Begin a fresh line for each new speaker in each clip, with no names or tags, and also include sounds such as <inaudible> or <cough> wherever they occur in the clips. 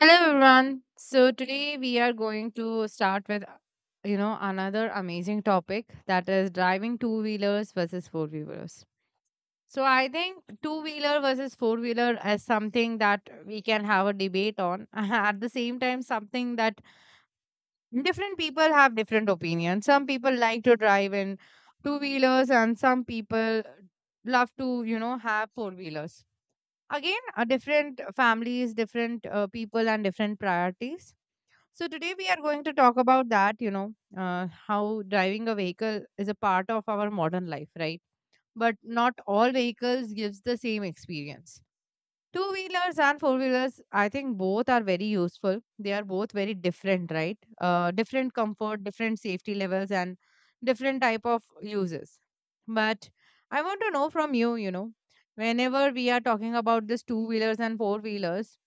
Hello everyone. So today we are going to start with another amazing topic that is driving two wheelers versus four wheelers. So I think two wheeler versus four wheeler is something that we can have a debate on. <laughs> At the same time, something that different people have different opinions. Some people like to drive in two wheelers, and some people love to have four wheelers. Again, different families, different people, and different priorities. So today we are going to talk about that, how driving a vehicle is a part of our modern life, right? But not all vehicles gives the same experience. Two wheelers and four wheelers, I think both are very useful. They are both very different, right? Different comfort, different safety levels, and different type of uses. But I want to know from you, whenever we are talking about this two wheelers and four wheelers,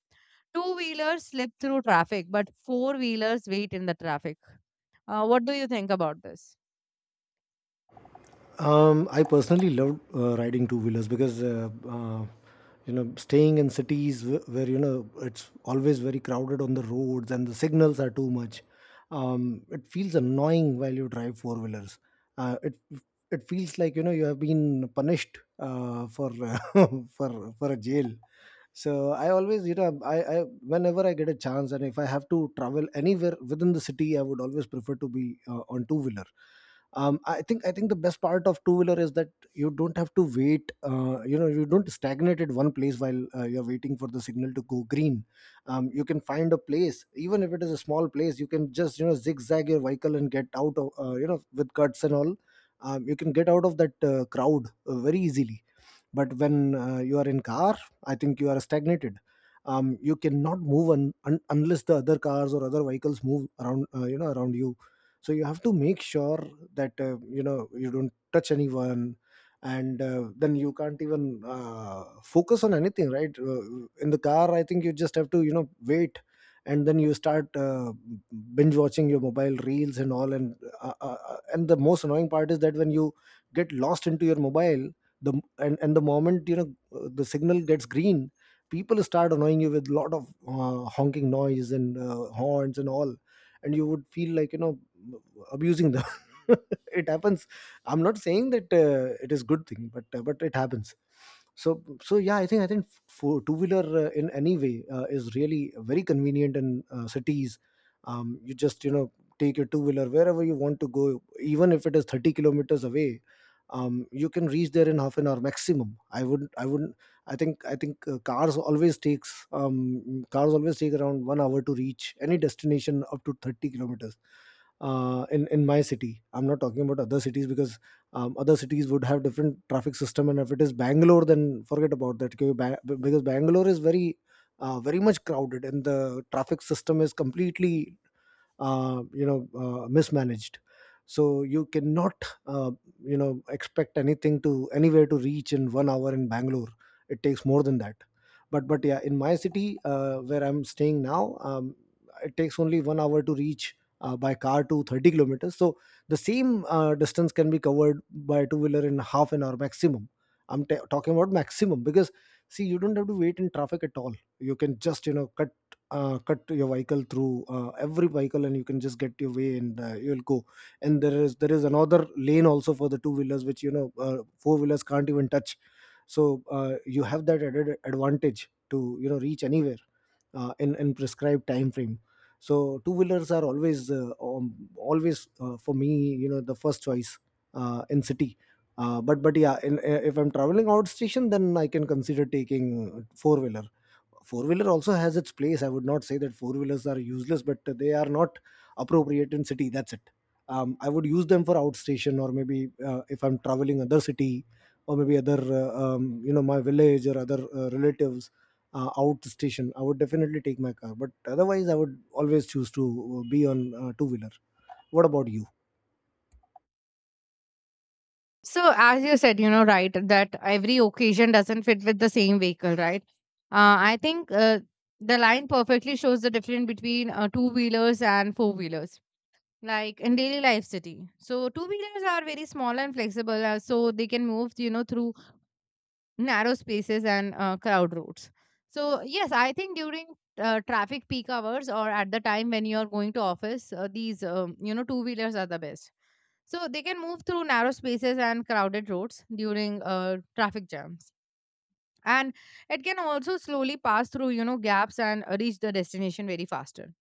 two wheelers slip through traffic, but four wheelers wait in the traffic. What do you think about this?
I personally love riding two wheelers because you know, staying in cities where you know it's always very crowded on the roads and the signals are too much. It feels annoying while you drive four wheelers. Uh, it it feels like you know you have been punished for <laughs> for a jail. So I always, you know, I whenever I get a chance, and if I have to travel anywhere within the city, I would always prefer to be on two wheeler. I think the best part of two wheeler is that you don't have to wait, you know, you don't stagnate at one place while you're waiting for the signal to go green. You can find a place. Even if it is a small place, you can just, you know, zigzag your vehicle and get out of, you know, with cuts and all. You can get out of that crowd very easily. But when you are in car, I think you are stagnated. You cannot move unless the other cars or other vehicles move around, you know, around you. So you have to make sure that, you know, you don't touch anyone. And then you can't even focus on anything, right? In the car, I think you just have to, you know, wait. And then you start, binge watching your mobile reels and all. And the most annoying part is that when you get lost into your mobile, the and the moment, you know, the signal gets green, people start annoying you with a lot of honking noise and horns and all, and you would feel like, you know, abusing them. <laughs> It happens. I'm not saying that it is good thing, but it happens. So yeah, I think for two wheeler, in any way, is really very convenient in cities. You just, you know, take your two wheeler wherever you want to go, even if it is 30 kilometers away. You can reach there in half an hour maximum. I wouldn't I wouldn't I think cars always take around 1 hour to reach any destination up to 30 kilometers. In my city, I'm not talking about other cities, because other cities would have different traffic system. And if it is Bangalore, then forget about that. Okay, because Bangalore is very, very much crowded, and the traffic system is completely, you know, mismanaged. So you cannot, uh, you know, expect anything to anywhere to reach in 1 hour in Bangalore. It takes more than that. But yeah, in my city, where I'm staying now, it takes only 1 hour to reach, by car, to 30 kilometers. So the same distance can be covered by two wheeler in half an hour maximum. I'm talking about maximum because, see, you don't have to wait in traffic at all. You can just, you know, cut, cut your vehicle through every vehicle, and you can just get your way, and you'll go. And there is another lane also for the two wheelers, which you know, four wheelers can't even touch. So you have that added advantage to, you know, reach anywhere in prescribed time frame. So two wheelers are always, always, for me, you know, the first choice in city. But yeah, if I'm traveling out station, then I can consider taking four wheeler. Four wheeler also has its place. I would not say that four wheelers are useless, but they are not appropriate in city, that's it. I would use them for outstation, or maybe if I'm traveling other city, or maybe other, you know, my village, or other relatives out. I would definitely take my car, but otherwise I would always choose to, be on two wheeler. What about you?
So, as you said, right, that every occasion doesn't fit with the same vehicle, right? I think the line perfectly shows the difference between two wheelers and four wheelers, like in daily life city. So, two wheelers are very small and flexible, so they can move, through narrow spaces and crowd routes. So yes, I think during traffic peak hours or at the time when you're going to office, these two wheelers are the best. So they can move through narrow spaces and crowded roads during traffic jams and it can also slowly pass through gaps and reach the destination very faster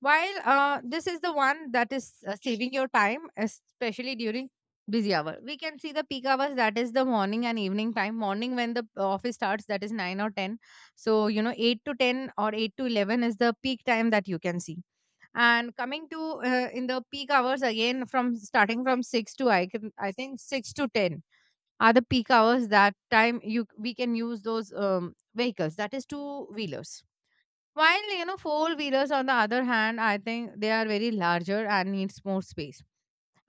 while this is the one that is saving your time, especially during busy hour. We can see the peak hours, that is the morning and evening time, morning when the office starts, that is 9 or 10. So you know, 8 to 10 or 8 to 11 is the peak time that you can see. And coming to in the peak hours again, from starting from 6 to I think 6 to 10 are the peak hours. That time you we can use those vehicles, that is two wheelers. While you know four wheelers on the other hand, I think they are very larger and needs more space.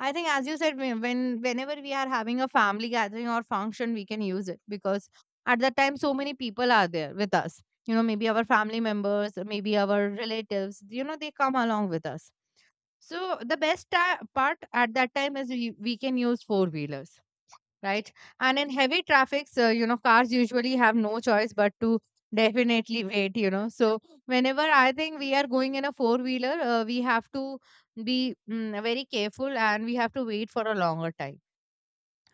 I think as you said, when whenever we are having a family gathering or function, we can use it because at that time so many people are there with us. You know, maybe our family members, maybe our relatives, you know they come along with us. So the best part at that time is we can use four wheelers, right? And in heavy traffic, so you know, cars usually have no choice but to definitely <laughs> wait, you know. So whenever I think we are going in a four wheeler, we have to be very careful and we have to wait for a longer time,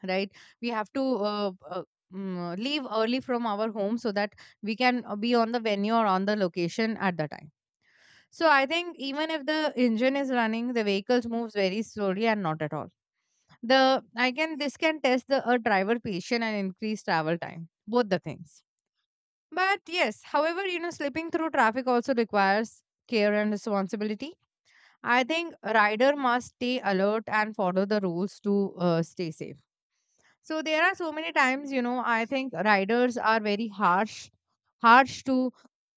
right? We have to leave early from our home so that we can be on the venue or on the location at the time. So I think even if the engine is running, the vehicles moves very slowly and not at all. The I can this can test the a driver patient and increase travel time. Both the things. But yes, however, you know, slipping through traffic also requires care and responsibility. I think rider must stay alert and follow the rules to stay safe. So there are so many times, you know, I think riders are very harsh, harsh to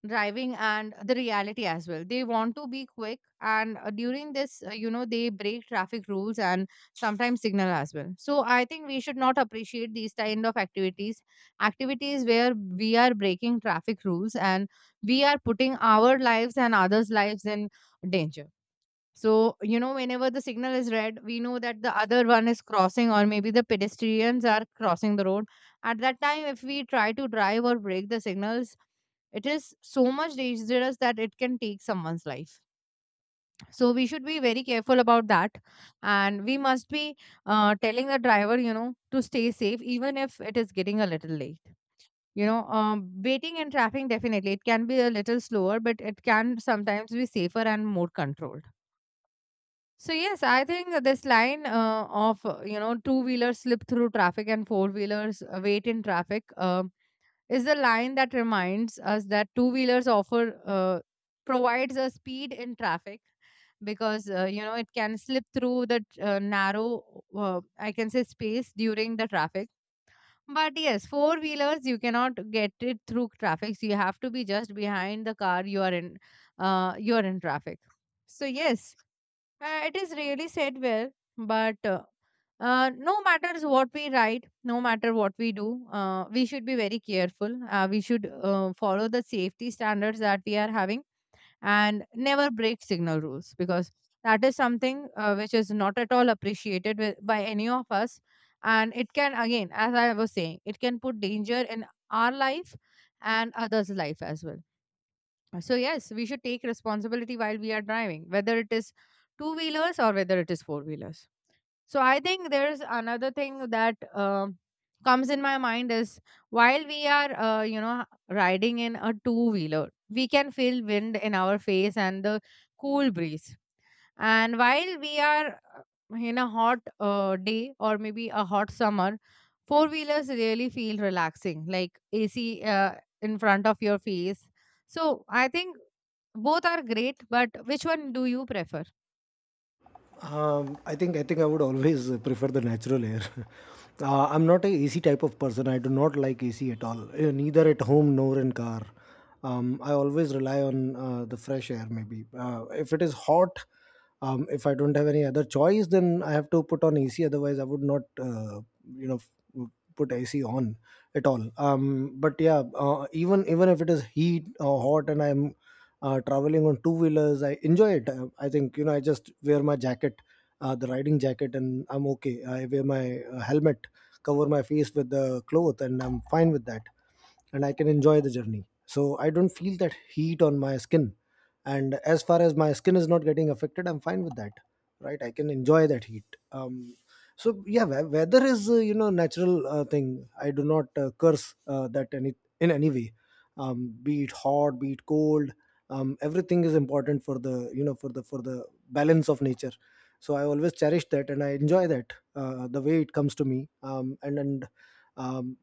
driving and the reality as well. They want to be quick, and during this, you know, they break traffic rules and sometimes signal as well. So I think we should not appreciate these kind of activities, activities where we are breaking traffic rules and we are putting our lives and others' lives in danger. So, you know, whenever the signal is red, we know that the other one is crossing, or maybe the pedestrians are crossing the road. At that time, if we try to drive or break the signals, it is so much dangerous that it can take someone's life. So, we should be very careful about that. And we must be telling the driver, you know, to stay safe, even if it is getting a little late. You know, waiting in traffic definitely it can be a little slower, but it can sometimes be safer and more controlled. So yes, I think this line of you know two wheelers slip through traffic and four wheelers wait in traffic is the line that reminds us that two wheelers offer provides a speed in traffic because you know it can slip through the narrow I can say space during the traffic. But yes, four wheelers you cannot get it through traffic. So you have to be just behind the car you are in. You are in traffic. So yes, it is really said well, but no matters what we write, no matter what we do, we should be very careful. We should follow the safety standards that we are having, and never break signal rules because that is something which is not at all appreciated with, by any of us. And it can, again, as I was saying, it can put danger in our life and others' life as well. So, yes, we should take responsibility while we are driving, whether it is two wheelers or whether it is four wheelers. So, I think there's another thing that comes in my mind is, while we are, you know, riding in a two wheeler, we can feel wind in our face and the cool breeze. And while we are in a hot day or maybe a hot summer, four wheelers really feel relaxing, like AC in front of your face. So I think both are great, but which one do you prefer?
I think I would always <laughs> prefer the natural air. <laughs> I'm not a AC type of person. I do not like AC at all, neither at home nor in car. I always rely on the fresh air. Maybe if it is hot, if I don't have any other choice, then I have to put on AC. Otherwise, I would not, you know, put AC on at all. But yeah, even if it is heat or hot, and I'm traveling on two wheelers, I enjoy it. I think, you know, I just wear my jacket, the riding jacket, and I'm okay. I wear my helmet, cover my face with the cloth, and I'm fine with that. And I can enjoy the journey. So I don't feel that heat on my skin. And as far as my skin is not getting affected, I'm fine with that, right? I can enjoy that heat. Um, so yeah, weather is you know, natural thing. I do not curse that any in any way. Be it hot, be it cold, everything is important for the, you know, for the balance of nature. So I always cherish that, and I enjoy that, the way it comes to me. And um,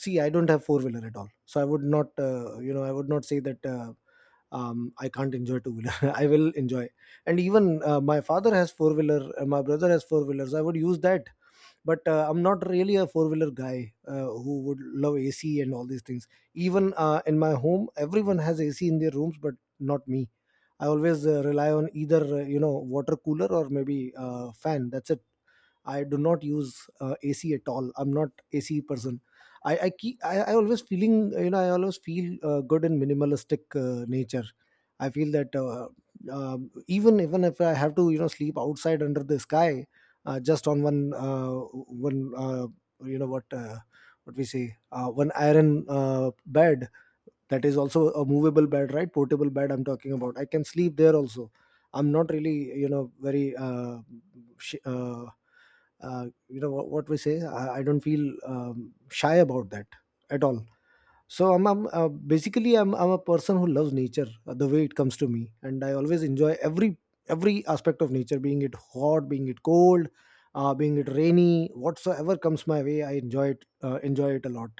See, I don't have four wheeler at all, so I would not, you know, I would not say that, I can't enjoy two wheeler. <laughs> I will enjoy. And even my father has four wheeler. My brother has four wheelers. I would use that, but I'm not really a four wheeler guy who would love AC and all these things. Even in my home, everyone has AC in their rooms, but not me. I always rely on either, you know, water cooler, or maybe fan, that's it. I do not use AC at all. I'm not AC person. I always feeling, you know, I always feel good in minimalistic nature. I feel that um even if I have to, you know, sleep outside under the sky, just on one one you know what, what we say one iron bed. That is also a movable bed, right? Portable bed I'm talking about. I can sleep there also. I'm not really, you know, very, sh- uh, you know what we say I don't feel shy about that at all. So I'm basically, I'm a person who loves nature, the way it comes to me, and I always enjoy every aspect of nature, being it hot, being it cold, being it rainy, whatsoever comes my way, I enjoy it, enjoy it a lot.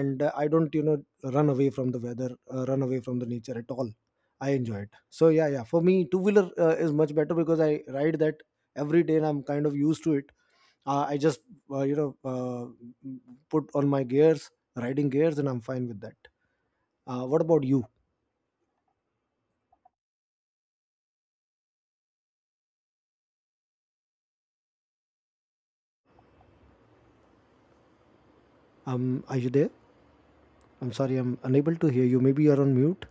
And I don't, you know, run away from the weather, run away from the nature at all. I enjoy it. So yeah, yeah, for me two wheeler is much better, because I ride that every day, and I'm kind of used to it. I just, uh, you know uh, put on my gears, riding gears, and I'm fine with that. What about you? Are you there? I'm sorry, I'm unable to hear you. Maybe you're on mute.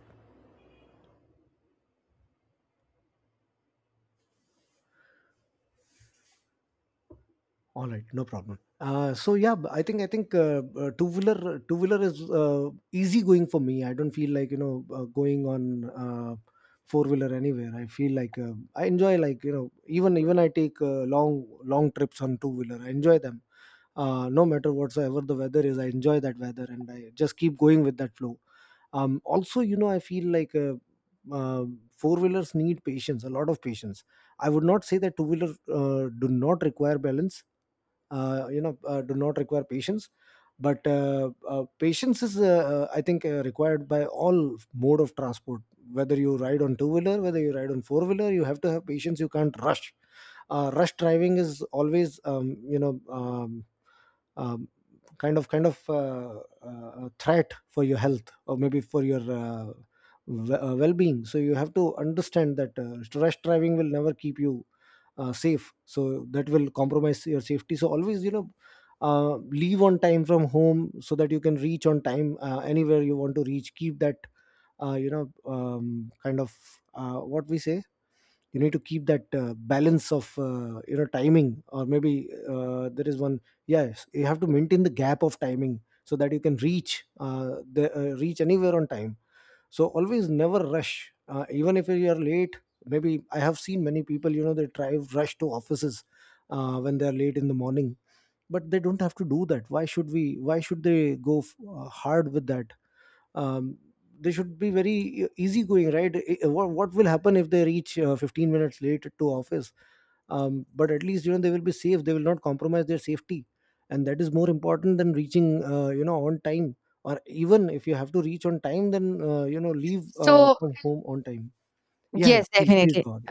All right, no problem. So yeah, I think two wheeler is easy going for me. I don't feel like, you know, going on uh, four wheeler anywhere. I feel like I enjoy, like, you know, even I take long long trips on two wheeler. I enjoy them. No matter whatsoever the weather is, I enjoy that weather and I just keep going with that flow. Also, you know, I feel like uh, four wheelers need patience, a lot of patience. I would not say that two wheelers do not require balance, do not require patience, but patience is, I think, required by all mode of transport. Whether you ride on two wheeler, whether you ride on four wheeler, you have to have patience. You can't rush. Rush driving is always, um, kind of threat for your health, or maybe for your well-being. So you have to understand that rush driving will never keep you safe, so that will compromise your safety. So always, you know, uh, leave on time from home so that you can reach on time anywhere you want to reach. Keep that kind of, what we say, you need to keep that balance of, you know, timing, or maybe there is one. Yes, you have to maintain the gap of timing so that you can reach the reach anywhere on time. So always never rush, even if you are late. Maybe I have seen many people, you know, they drive rush to offices when they are late in the morning, but they don't have to do that. Why should we why should they go hard with that? um, they should be very easy going, right? What will happen if they reach 15 minutes late to office? But at least, you know, they will be safe, they will not compromise their safety, and that is more important than reaching, you know, on time. Or even if you have to reach on time, then, you know, leave
So,
from home on time. Yeah, yeah,
yes,
please, please
definitely.
go on.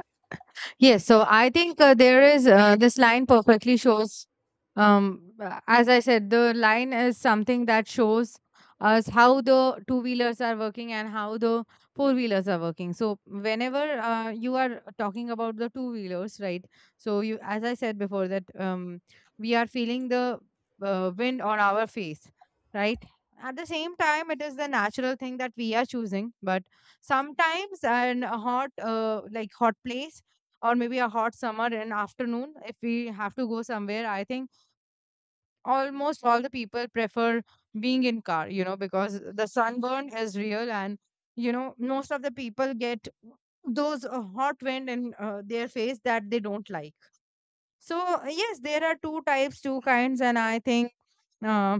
Yes, so I think there is this line perfectly shows, as I said, the line is something that shows us how the two wheelers are working and how the four wheelers are working. So whenever you are talking about the two wheelers, right? So you, as I said before, that we are feeling the wind on our face, right? At the same time, it is the natural thing that we are choosing, but sometimes an a hot, like hot place or maybe a hot summer and afternoon, if we have to go somewhere, I think almost all the people prefer being in car, you know, because the sunburn is real and you know most of the people get those hot wind in their face that they don't like. So yes, there are two types, two kinds, and I think uh,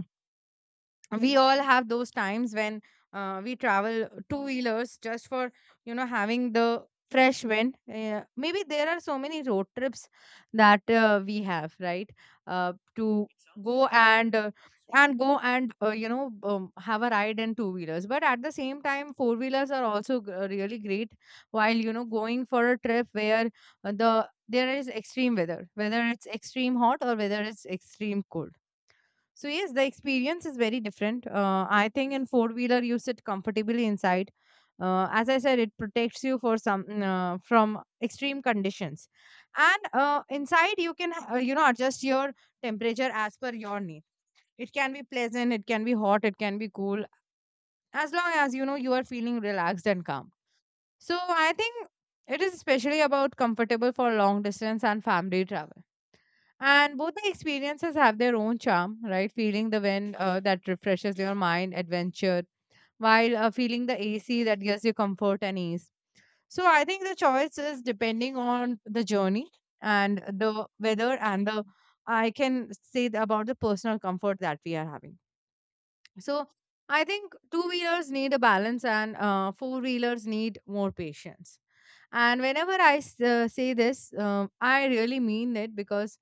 we all have those times when we travel two wheelers just for you know having the fresh wind. Maybe there are so many road trips that we have, right, to go and uh, go and have a ride in two wheelers. But at the same time four wheelers are also really great while you know going for a trip where there is extreme weather, whether it's extreme hot or whether it's extreme cold. So yes, the experience is very different. I think in four wheeler you sit comfortably inside. As I said, it protects you for some from extreme conditions, and inside you can you know adjust your temperature as per your need. It can be pleasant, it can be hot, it can be cool, as long as you know you are feeling relaxed and calm. So I think it is especially about comfortable for long distance and family travel. And both the experiences have their own charm, right? Feeling the wind that refreshes your mind, adventure, while feeling the AC that gives you comfort and ease. So I think the choice is depending on the journey and the weather and the I can say about the personal comfort that we are having. So I think two wheelers need a balance and four wheelers need more patience. And whenever I say this, I really mean it because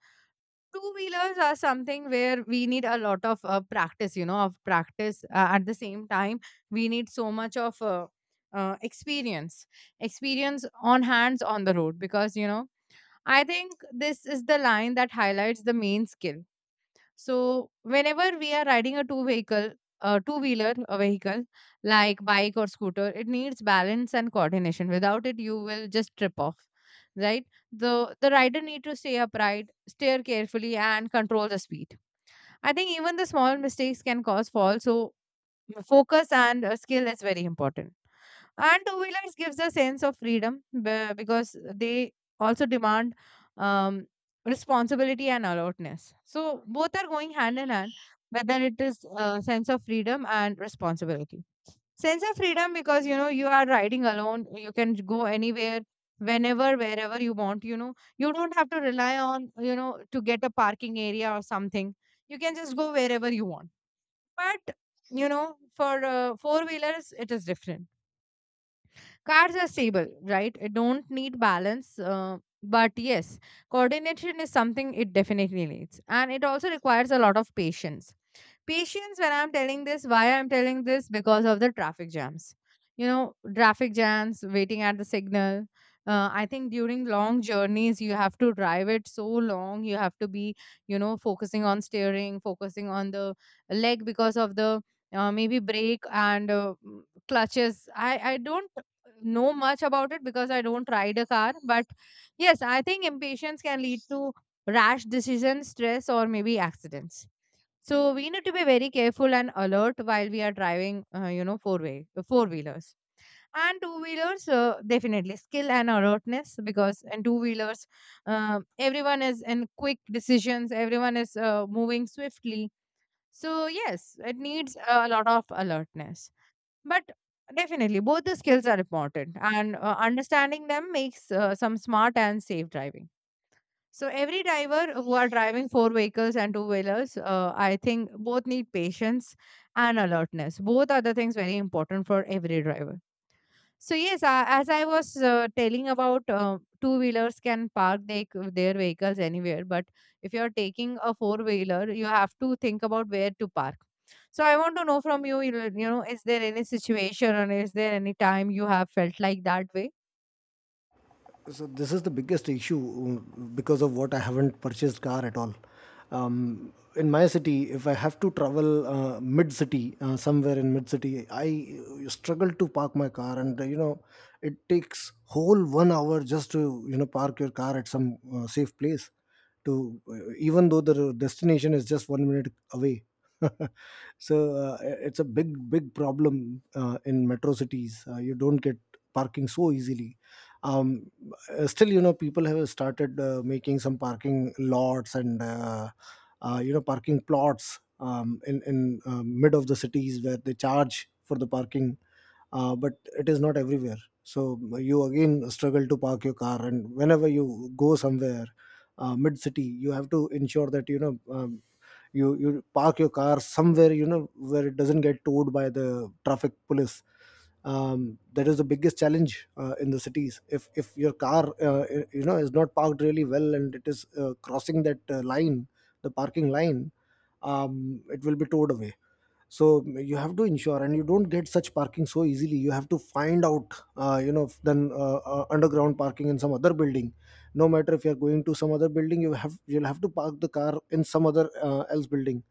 two wheelers are something where we need a lot of practice, at the same time we need so much of uh, experience experience on hands on the road, because I think this is the line that highlights the main skill. So whenever we are riding a two wheeler, a vehicle like bike or scooter, it needs balance and coordination. Without it, you will just trip off. Right? The rider need to stay upright, steer carefully, and control the speed. I think even the small mistakes can cause fall. So focus and skill is very important, and two wheelers gives a sense of freedom because they also demand um, responsibility and alertness, so both are going hand in hand, whether it is a sense of freedom and responsibility. Sense of freedom, because you are riding alone, you can go anywhere whenever, wherever you want. You don't have to rely on, to get a parking area or something. You can just go wherever you want. But for four wheelers it is different. Cars are stable, right? It don't need balance. But yes, coordination is something it definitely needs. And it also requires a lot of patience. Patience when I'm telling this, why I'm telling this, because of the traffic jams. Traffic jams, waiting at the signal. I think during long journeys, you have to drive it so long. You have to be, focusing on steering, focusing on the leg because of the maybe brake and clutches. I don't know much about it because I don't ride a car, but yes, I think impatience can lead to rash decisions, stress, or maybe accidents. So we need to be very careful and alert while we are driving, four wheelers and two wheelers. Definitely skill and alertness, because in two wheelers, everyone is in quick decisions. Everyone is moving swiftly. So yes, it needs a lot of alertness, but definitely both the skills are important, and understanding them makes some smart and safe driving. So every driver who are driving four vehicles and two wheelers, I think both need patience and alertness. Both are the things very important for every driver. So yes, as I was telling about two wheelers can park their vehicles anywhere, but if you are taking a four wheeler, you have to think about where to park. So I want to know from you, is there any situation or is there any time you have felt like that way?
So this is the biggest issue, because of what I haven't purchased car at all. In my city, if I have to travel mid city, somewhere in mid city, I struggle to park my car, and, you know, it takes whole 1 hour just to, you know, park your car at some safe place, To even though the destination is just 1 minute away. <laughs> So it's a big problem in metro cities. You don't get parking so easily. um, Still, you know, people have started making some parking lots and, you know, parking plots, in mid of the cities, where they charge for the parking, but it is not everywhere. So you again struggle to park your car, and whenever you go somewhere mid city, you have to ensure that, you know, you park your car somewhere, you know, where it doesn't get towed by the traffic police. That is the biggest challenge in the cities. If your car, you know, is not parked really well and it is crossing that line, the parking line, it will be towed away. So you have to ensure, and you don't get such parking so easily. You have to find out, you know f- then underground parking in some other building. No matter if you're going to some other building, you'll have to park the car in some other else building.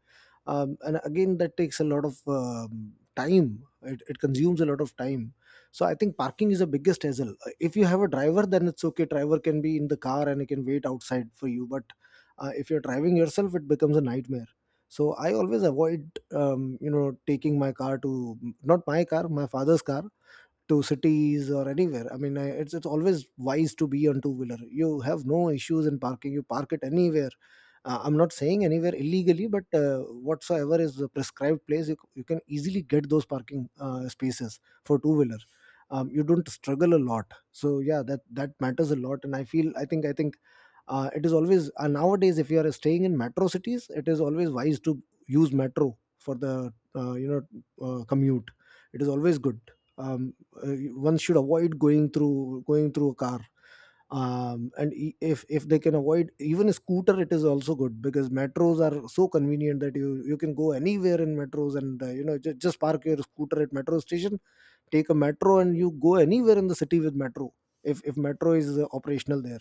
And again, that takes a lot of time. It consumes a lot of time. So I think parking is the biggest hassle. If you have a driver, then it's okay, driver can be in the car and he can wait outside for you. But if you're driving yourself, it becomes a nightmare. So I always avoid taking my car to, not my car, my father's car, to cities or anywhere. I mean, it's always wise to be on two wheeler. You have no issues in parking. You park it anywhere. I'm not saying anywhere illegally, but whatsoever is the prescribed place, you can easily get those parking spaces for two wheeler. You don't struggle a lot. So yeah, that that matters a lot. And I feel I think it is always, nowadays, if you are staying in metro cities, it is always wise to use metro for the, commute. It is always good. Um, uh, One should avoid going through a car, if they can avoid even a scooter, it is also good, because metros are so convenient that you can go anywhere in metros. And, you know, just park your scooter at metro station, take a metro, and you go anywhere in the city with metro, if metro is operational there.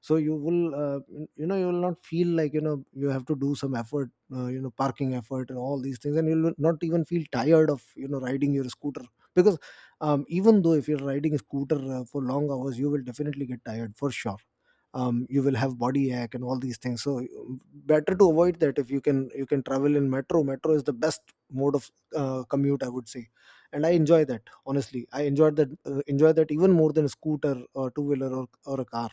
So you will, you know, you will not feel like, you know, you have to do some effort, you know, parking effort and all these things. And you will not even feel tired of, you know, riding your scooter, because even though if you're riding a scooter for long hours, you will definitely get tired for sure. You will have body ache and all these things. So better to avoid that. If you can, you can travel in metro. Metro is the best mode of commute, I would say. And I enjoy that. Honestly, I enjoyed that, enjoy that even more than a scooter or two wheeler, or a car.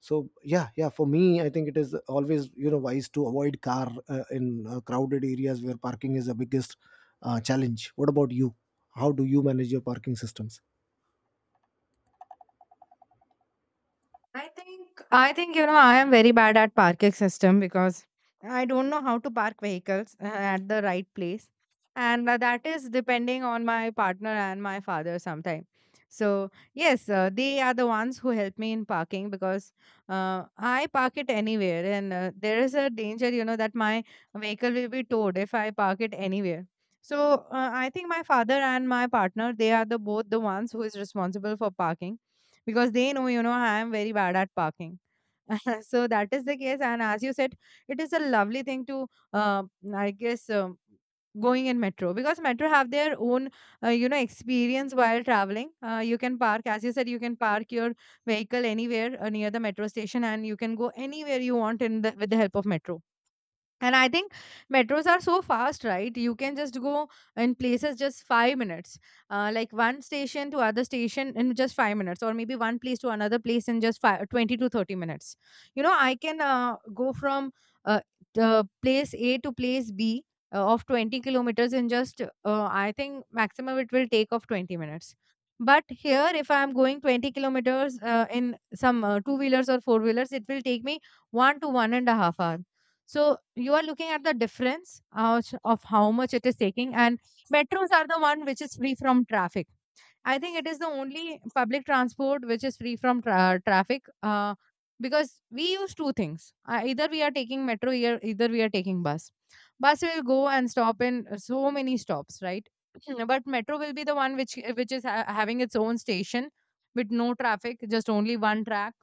So yeah, yeah, for me, I think it is always, you know, wise to avoid car in crowded areas where parking is the biggest challenge. What about you? How do you manage your parking systems?
I think I am very bad at parking system, because I don't know how to park vehicles at the right place, and that is depending on my partner and my father sometimes. So yes, they are the ones who help me in parking, because I park it anywhere, and there is a danger, that my vehicle will be towed if I park it anywhere. So I think my father and my partner, they are the both the ones who is responsible for parking, because they know, I am very bad at parking. <laughs> So that is the case. And as you said, it is a lovely thing to, uh, I guess, going in metro, because metro have their own experience while traveling. You can park, as you said, you can park your vehicle anywhere near the metro station, and you can go anywhere you want in the with the help of metro. And I think metros are so fast, right? You can just go in places just 5 minutes, like one station to other station in just 5 minutes, or maybe one place to another place in just 20 to 30 minutes. I can go from uh, the place A to place B of 20 kilometers in just, I think maximum it will take of 20 minutes. But here, if I'm going 20 kilometers in some two wheelers or four wheelers, it will take me 1 to 1.5 hours. So you are looking at the difference of how much it is taking, and metros are the one which is free from traffic. I think it is the only public transport which is free from traffic, because we use two things: either we are taking metro, either we are taking bus. Bus will go and stop in so many stops, right? <clears throat> But metro will be the one which is having its own station with no traffic, just only one track.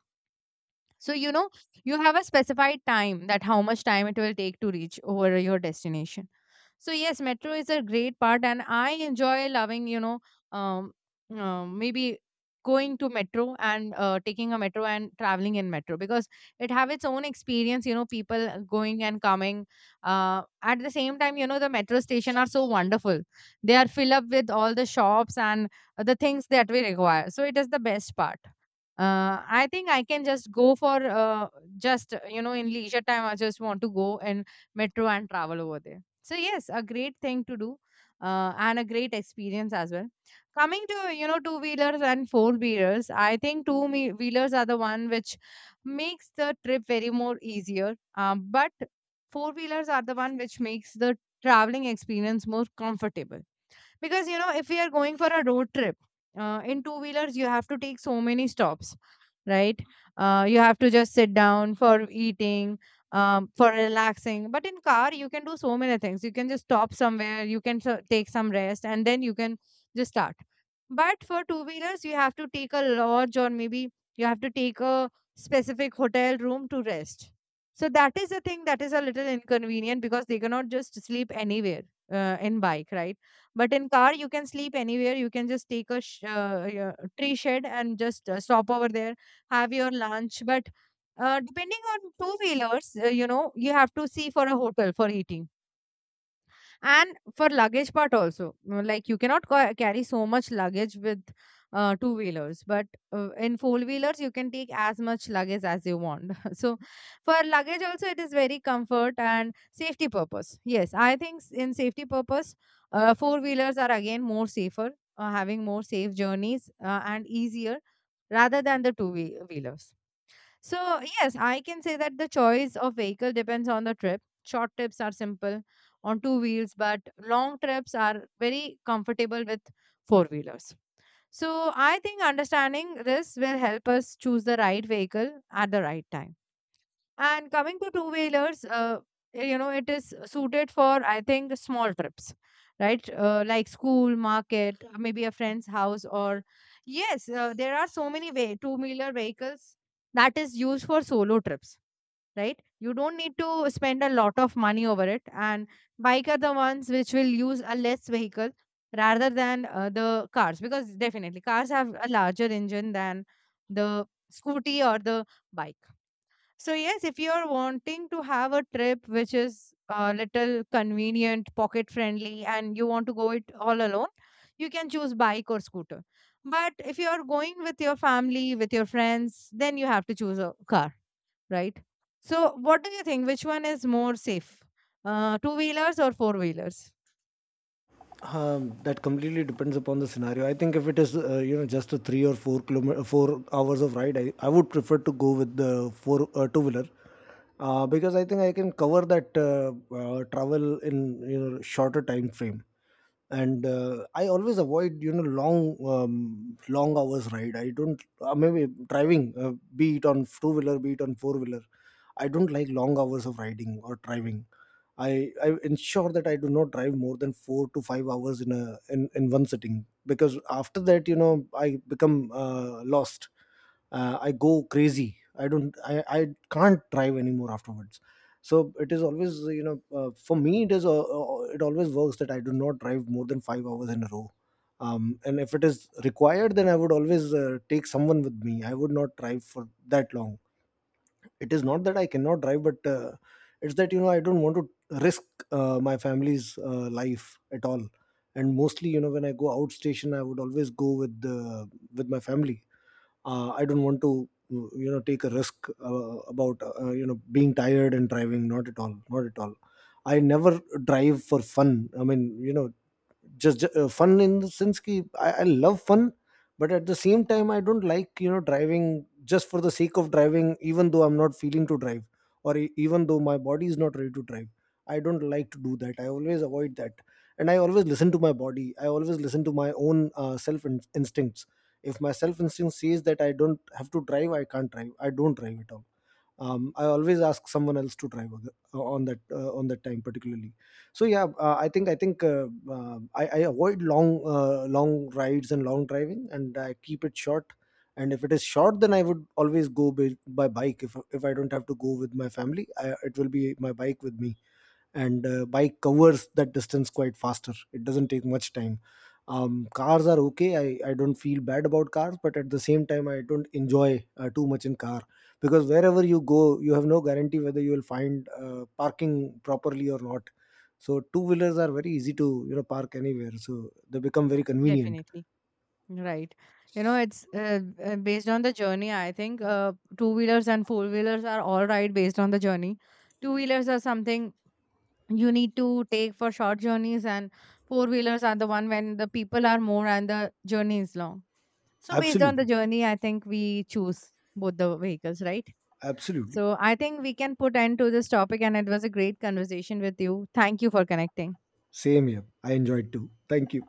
So, you have a specified time that how much time it will take to reach over your destination. So, yes, metro is a great part, and I enjoy loving, um, maybe going to metro and taking a metro and traveling in metro, because it have its own experience, people going and coming, at the same time, the metro station are so wonderful. They are filled up with all the shops and the things that we require, so it is the best part. I think I can just go for, uh, just in leisure time. I just want to go in metro and travel over there. So yes, a great thing to do, and a great experience as well. Coming to two wheelers and four wheelers, I think wheelers are the one which makes the trip very more easier. But four wheelers are the one which makes the traveling experience more comfortable, because if we are going for a road trip, in two wheelers you have to take so many stops, right? You have to just sit down for eating, for relaxing. But in car you can do so many things, you can just stop somewhere, you can take some rest and then you can just start. But for two wheelers you have to take a lodge, or maybe you have to take a specific hotel room to rest. So that is a thing that is a little inconvenient, because they cannot just sleep anywhere, in bike, right? But in car, you can sleep anywhere. You can just take a tree shed and just stop over there, have your lunch. But depending on two wheelers, you have to see for a hotel for eating, and for luggage part also, like you cannot carry so much luggage with two wheelers, but in four wheelers you can take as much luggage as you want. <laughs> So for luggage also it is very comfort and safety purpose. Yes, I think in safety purpose, four wheelers are again more safer, having more safe journeys, and easier rather than the two wheelers. So, yes, I can say that the choice of vehicle depends on the trip. Short trips are simple on two wheels, but long trips are very comfortable with four wheelers. So, I think understanding this will help us choose the right vehicle at the right time. And coming to two wheelers, it is suited for, I think, small trips, right? Like school, market, maybe a friend's house, or yes, there are so many way two wheeler vehicles that is used for solo trips, right? You don't need to spend a lot of money over it. And bike are the ones which will use a less vehicle rather than the cars, because definitely cars have a larger engine than the scooty or the bike. So yes, if you are wanting to have a trip which is a little convenient, pocket friendly, and you want to go it all alone, you can choose bike or scooter. But if you are going with your family, with your friends, then you have to choose a car, right? So what do you think? Which one is more safe? Two wheelers or four wheelers?
That completely depends upon the scenario. I think if it is, you know, just a 3 or 4 kilometer 4 hours of ride, I would prefer to go with the four two wheeler, because I think I can cover that travel in, you know, shorter time frame. And I always avoid, you know, long hours ride. I don't Maybe driving, be it on two wheeler, be it on four wheeler, I don't like long hours of riding or driving. I ensure that I do not drive more than 4 to 5 hours in a in one sitting, because after that, you know, I become lost. I go crazy. I don't i i can't drive anymore afterwards. So it is always, you know, for me, it is, it always works that I do not drive more than 5 hours in a row. And if it is required, then I would always take someone with me. I would not drive for that long. It is not that I cannot drive, but it's that, you know, I don't want to risk my family's life at all. And mostly, you know, when I go out station, I would always go with the with my family. I don't want to you know, take a risk about you know, being tired and driving. Not at all, not at all. I never drive for fun. I mean, you know, fun in the sense ki, I love fun, but at the same time, I don't like, you know, driving just for the sake of driving, even though I'm not feeling to drive, even though my body is not ready to drive. I don't like to do that. I always avoid that. And I always listen to my body. I always listen to my own self instincts. If my self instinct says that I don't have to drive, I can't drive, I don't drive at all. I always ask someone else to drive on that time particularly. So yeah, I avoid long, long rides and long driving, and I keep it short. And if it is short, then I would always go by bike. If I don't have to go with my family, it will be my bike with me. And bike covers that distance quite faster. It doesn't take much time. Um, cars are okay. I don't feel bad about cars, but at the same time, I don't enjoy too much in car, because wherever you go, you have no guarantee whether you will find parking properly or not. So two wheelers are very easy to, you know, park anywhere, so they become very
Mm,
convenient.
definitely. Right. It's based on the journey, I think. Two wheelers and four wheelers are all right based on the journey. Two wheelers are something you need to take for short journeys, and four wheelers are the one when the people are more and the journey is long. So based on the
Absolutely.
journey I think we choose both the vehicles, right?
Absolutely.
So I think we can put end to this topic, and it was a great conversation with you. Thank you for connecting.
Same here, I enjoyed too. Thank you.